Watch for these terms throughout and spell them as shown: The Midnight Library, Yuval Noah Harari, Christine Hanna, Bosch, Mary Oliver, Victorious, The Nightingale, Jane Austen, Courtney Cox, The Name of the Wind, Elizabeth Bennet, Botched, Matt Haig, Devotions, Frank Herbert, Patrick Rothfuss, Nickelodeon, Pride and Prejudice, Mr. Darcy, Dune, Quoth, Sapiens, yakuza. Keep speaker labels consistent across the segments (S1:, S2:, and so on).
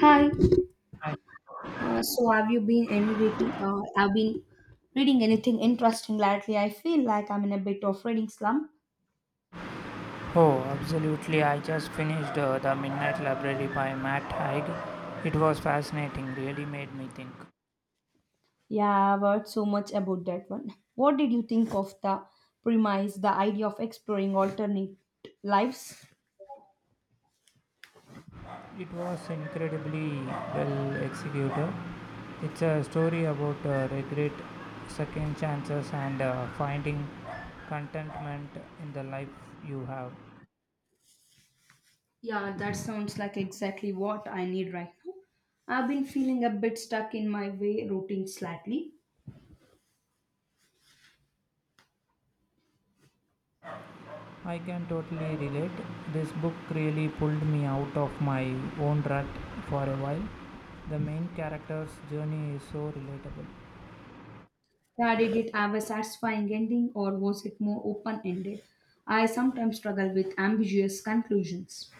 S1: Hi.
S2: I,
S1: So have you been any reading? I've been reading anything interesting lately. I feel like I'm in a bit of reading slump.
S2: oh, absolutely. I just finished The Midnight Library by Matt Haig. It was fascinating, really made me think.
S1: Yeah, I've heard so much about that one. What did you think of the premise, the idea of exploring alternate lives?
S2: It was incredibly well executed. It's a story about regret, second chances, and finding contentment in the life you have.
S1: Yeah, that sounds like exactly what I need right now. I've been feeling a bit stuck in my way routine slightly.
S2: I can totally relate. This book really pulled me out of my own rut for a while. The main character's journey is so relatable.
S1: Yeah, did it have a satisfying ending or was it more open ended? I sometimes struggle with ambiguous conclusions.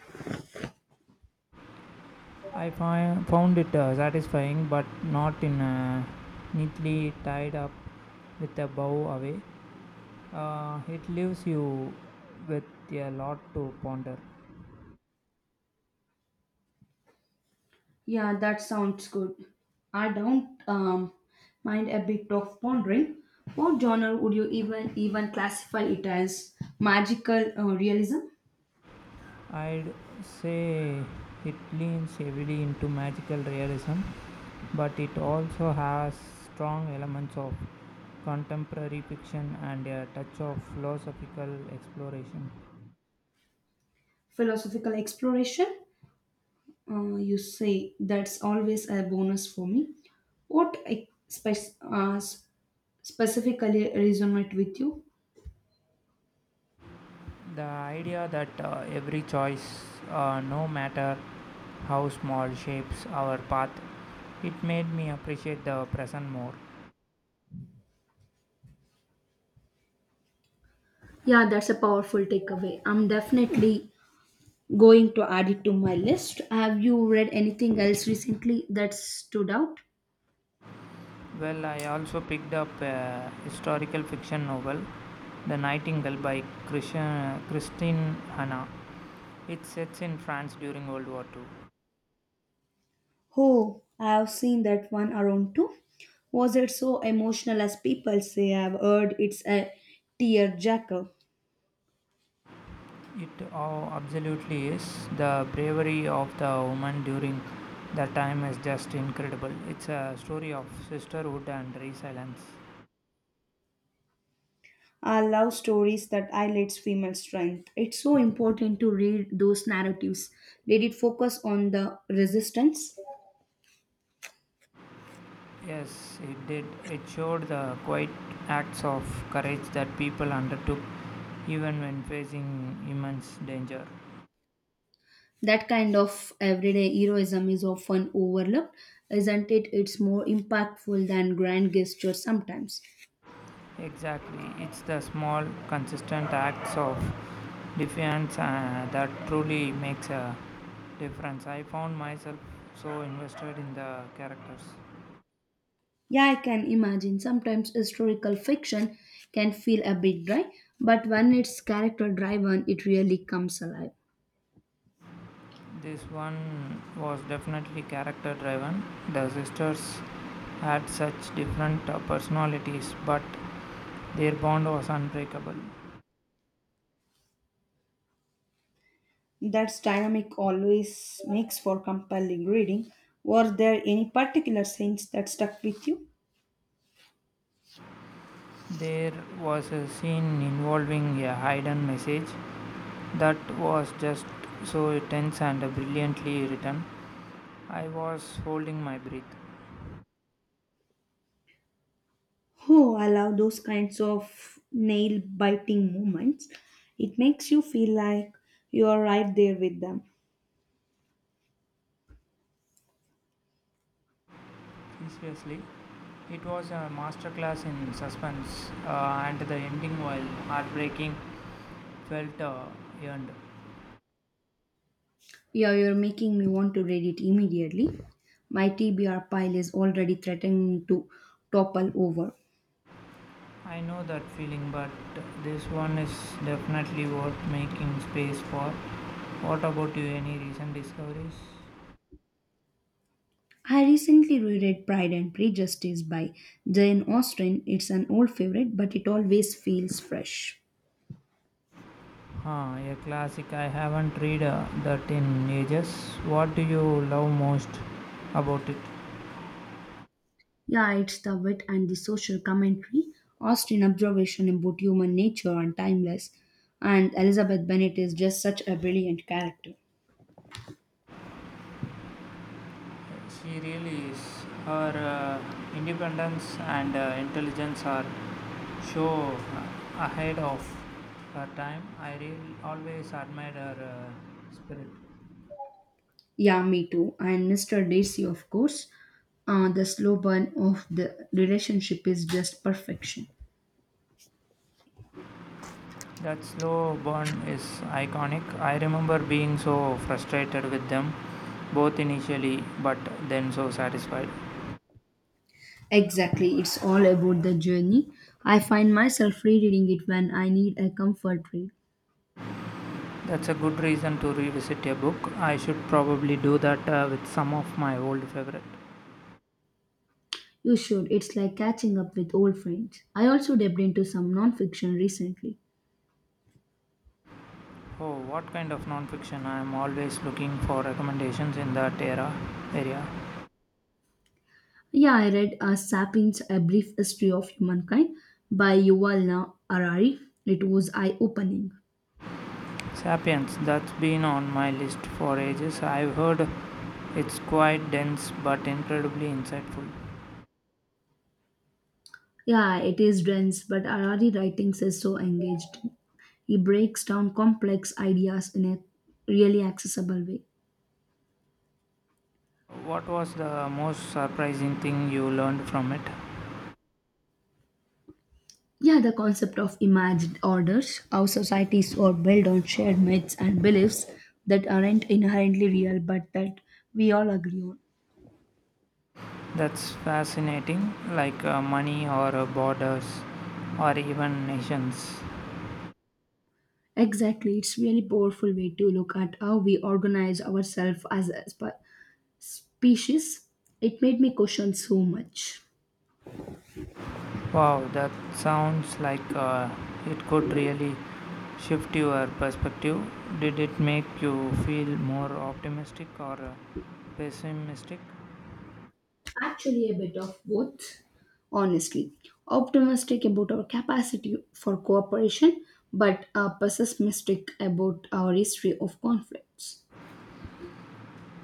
S2: Found it satisfying, but not in a neatly tied up with a bow away. It leaves you with a lot to ponder.
S1: Yeah, that sounds good. I don't Mind a bit of pondering. What genre would you even classify it as? Magical realism,
S2: I'd say it leans heavily into magical realism, but it also has strong elements of contemporary fiction and a touch of philosophical exploration.
S1: philosophical exploration. You say that's always a bonus for me. What spe- uh, s- specifically resonate with you?
S2: The idea that every choice, no matter how small, shapes our path, it made me appreciate the present more.
S1: Yeah, that's a powerful takeaway. I'm definitely going to add it to my list. Have you read anything else recently that stood out?
S2: Well, I also picked up a historical fiction novel, The Nightingale by Christine Hanna. It sets in France during World War II.
S1: Oh, I've seen that one around too. Was it so emotional as people say? I've heard it's a tearjerker.
S2: It absolutely is. The bravery of the woman during that time is just incredible. It's a story of sisterhood and resilience.
S1: I love stories that highlights female strength. It's so important to read those narratives. Did it focus on the resistance?
S2: Yes, it did. It showed the quiet acts of courage that people undertook even when facing immense danger.
S1: That kind of everyday heroism is often overlooked, isn't it? It's more impactful than grand gestures sometimes.
S2: Exactly. It's the small, consistent acts of defiance that truly makes a difference. I found myself so invested in the characters.
S1: Yeah, I can imagine. Sometimes historical fiction can feel a bit dry, but when it's character driven, it really comes alive.
S2: This one was definitely character driven. The sisters had such different personalities, but their bond was unbreakable.
S1: That's dynamic always makes for compelling reading. Were there any particular scenes that stuck with you?
S2: There was a scene involving a hidden message that was just so tense and brilliantly written. I was holding my breath.
S1: Oh, I love those kinds of nail biting moments. It makes you feel like you are right there with them.
S2: Seriously, it was a masterclass in suspense, and the ending, while heartbreaking, felt earned.
S1: Yeah, you're making me want to read it immediately. My TBR pile is already threatening to topple over.
S2: I know that feeling, but this one is definitely worth making space for. What about you? Any recent discoveries?
S1: I recently reread Pride and Prejudice by Jane Austen. It's an old favorite, but it always feels fresh.
S2: Huh, a classic. I haven't read that in ages. What do you love most about it?
S1: Yeah, it's the wit and the social commentary. Austen observation about human nature are timeless. And Elizabeth Bennet is just such a brilliant character.
S2: She really is. Her independence and intelligence are so ahead of her time. I really always admired her spirit.
S1: Yeah, me too. And Mr. Darcy, of course. The slow burn of the relationship is just perfection.
S2: That slow burn is iconic. I remember being so frustrated with them, both initially but then so satisfied.
S1: Exactly, it's all about the journey. I find myself rereading it when I need a comfort read.
S2: That's a good reason to revisit a book. I should probably do that with some of my old favorite.
S1: You should. It's like catching up with old friends. I also delved into some nonfiction recently.
S2: Oh, what kind of nonfiction? I am always looking for recommendations in that era area.
S1: Yeah, I read Sapiens A Brief History of Humankind by Yuval Noah Harari. It was eye opening.
S2: Sapiens, that's been on my list for ages. I've heard it's quite dense but incredibly insightful.
S1: Yeah, it is dense, but Harari writings is so engaged. He breaks down complex ideas in a really accessible way.
S2: What was the most surprising thing you learned from it?
S1: Yeah, the concept of imagined orders, how societies are built on shared myths and beliefs that aren't inherently real but that we all agree on.
S2: That's fascinating, like money or borders or even nations.
S1: Exactly, it's really powerful way to look at how we organize ourselves as a species. It made me question so much.
S2: Wow, that sounds like it could really shift your perspective. Did it make you feel more optimistic or pessimistic?
S1: Actually, a bit of both, honestly. Optimistic about our capacity for cooperation, but pessimistic about our history of conflicts.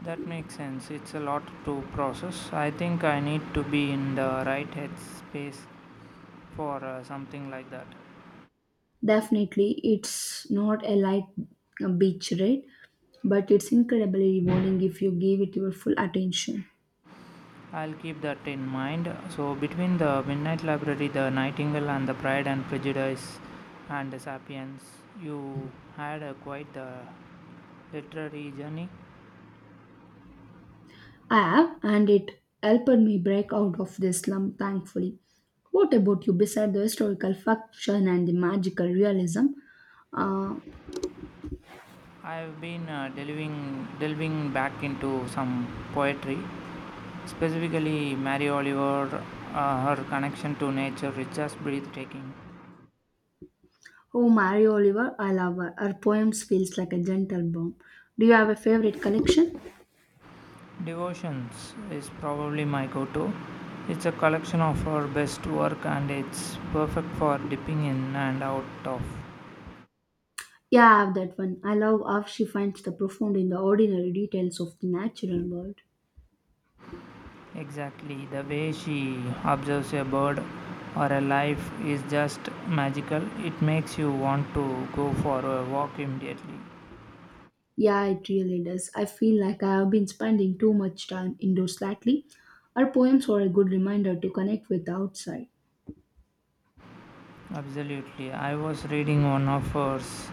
S2: That makes sense. It's a lot to process. I think I need to be in the right headspace for something like that.
S1: Definitely, it's not a light beach ride, but it's incredibly rewarding if you give it your full attention.
S2: I'll keep that in mind. So, between the Midnight Library, the Nightingale, and the Pride and Prejudice and the Sapiens, you had a quite the literary journey.
S1: I have, and it helped me break out of this slump thankfully. What about you? Beside the historical fiction and the magical realism, uh,
S2: I've been delving back into some poetry, specifically Mary Oliver. Her connection to nature is just breathtaking.
S1: oh Mary Oliver, I love her. Her poems feels like a gentle balm. Do you have a favorite collection?
S2: Devotions is probably my go-to. It's a collection of her best work, and it's perfect for dipping in and out of.
S1: Yeah, I have that one. I love how she finds the profound in the ordinary details of the natural world.
S2: Exactly the way she observes a bird or a life is just magical. It makes you want to go for a walk immediately.
S1: Yeah, it really does. I feel like I have been spending too much time indoors lately. Her poems were a good reminder to connect with the outside.
S2: Absolutely. I was reading one of hers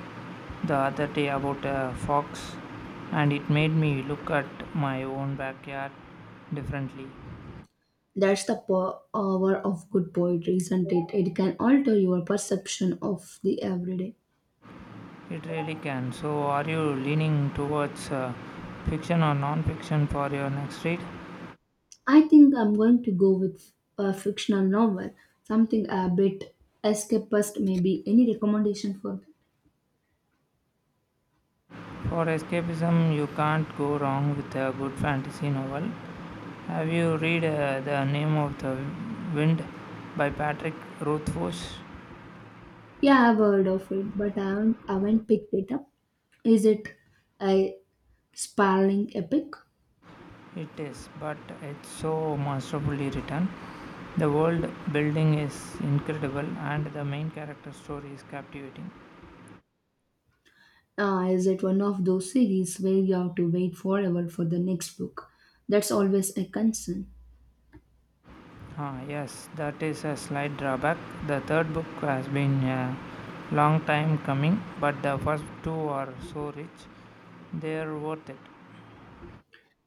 S2: the other day about a fox, and it made me look at my own backyard differently.
S1: That's the power of good poetry, isn't it? It can alter your perception of the everyday.
S2: It really can. So, are you leaning towards fiction or non fiction for your next read?
S1: I think I'm going to go with a fictional novel, something a bit escapist, maybe. Any recommendation for that?
S2: For escapism, you can't go wrong with a good fantasy novel. Have you read The Name of the Wind by Patrick Rothfuss?
S1: Yeah, I've heard of it, but I haven't picked it up. Is it a sprawling epic?
S2: It is, but it's so masterfully written. The world building is incredible and the main character story is captivating.
S1: Is it one of those series where you have to wait forever for the next book? That's always a concern.
S2: Ah, yes, that is a slight drawback. The third book has been a long time coming, but the first two are so rich, they are worth it.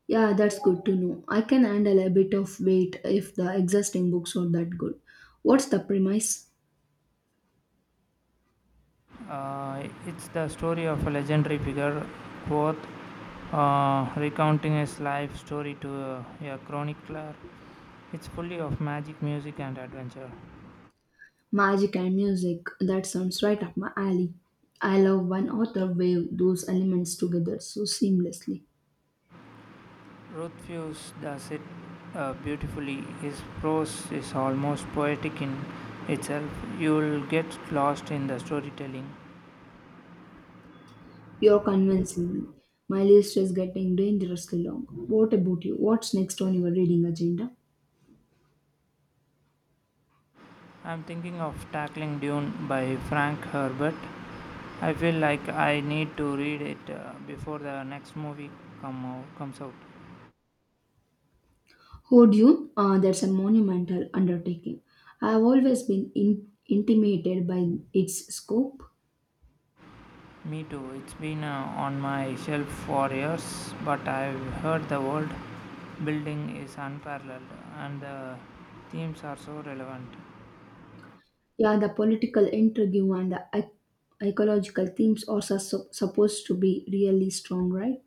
S1: Yeah, that's good to know. I can handle a bit of weight if the existing books are that good. What's the premise?
S2: It's the story of a legendary figure, Quoth, recounting his life story to a chronicler. It's fully of magic, music, and adventure.
S1: Magic and music. That sounds right up my alley. I love when author wave those elements together so seamlessly.
S2: Rothfuss does it beautifully. His prose is almost poetic in itself. You'll get lost in the storytelling.
S1: You're convincing me. My list is getting dangerously long. What about you? What's next on your reading agenda?
S2: I'm thinking of tackling Dune by Frank Herbert. I feel like I need to read it before the next comes out.
S1: Hold you? That's a monumental undertaking. I've always been intimidated by its scope.
S2: Me too. It's been on my shelf for years, but I've heard the world building is unparalleled and the themes are so relevant.
S1: Yeah, the political intrigue and the ecological themes are supposed to be really strong, right?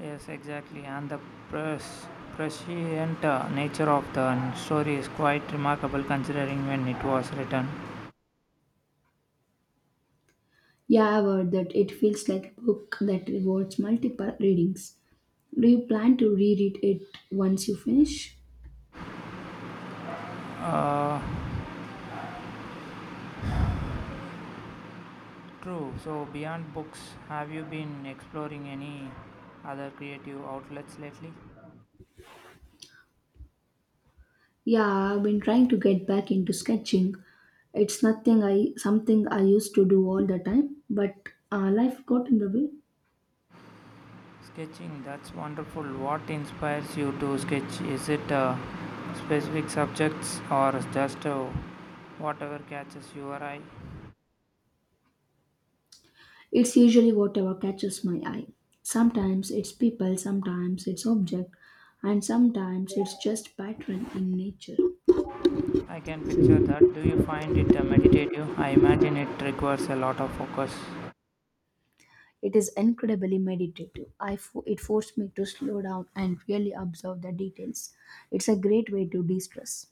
S2: Yes, exactly. And the pres- prescient nature of the story is quite remarkable considering when it was written.
S1: Yeah, I've heard that it feels like a book that rewards multiple readings. Do you plan to reread it once you finish?
S2: True. So, beyond books, have you been exploring any other creative outlets lately?
S1: Yeah, I've been trying to get back into sketching. It's nothing I Something I used to do all the time, but life got in the way.
S2: Sketching, that's wonderful. What inspires you to sketch? Is it specific subjects or just whatever catches your eye?
S1: It's usually whatever catches my eye. Sometimes it's people, sometimes it's object, and sometimes it's just pattern in nature.
S2: I can picture that. Do you find it meditative? I imagine it requires a lot of focus.
S1: It is incredibly meditative. It forced me to slow down and really observe the details. It's a great way to de-stress.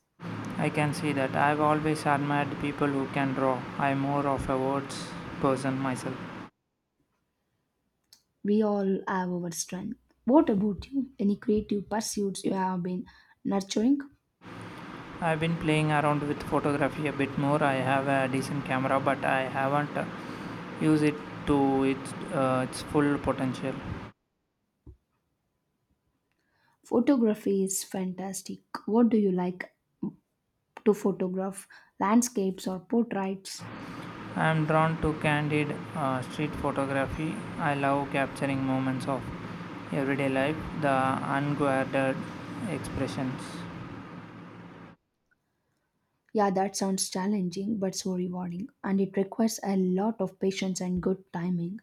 S2: I can see that. I've always admired people who can draw. I'm more of a words person myself.
S1: We all have our strength. What about you? Any creative pursuits you have been nurturing?
S2: I've been playing around with photography a bit more. I have a decent camera, but I haven't used it to its full potential.
S1: Photography is fantastic. What do you like to photograph? Landscapes or portraits?
S2: I'm drawn to candid street photography. I love capturing moments of everyday life, the unguarded expressions.
S1: Yeah, that sounds challenging but so rewarding, and it requires a lot of patience and good timing.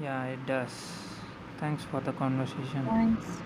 S2: Yeah, it does. Thanks for the conversation.
S1: Thanks.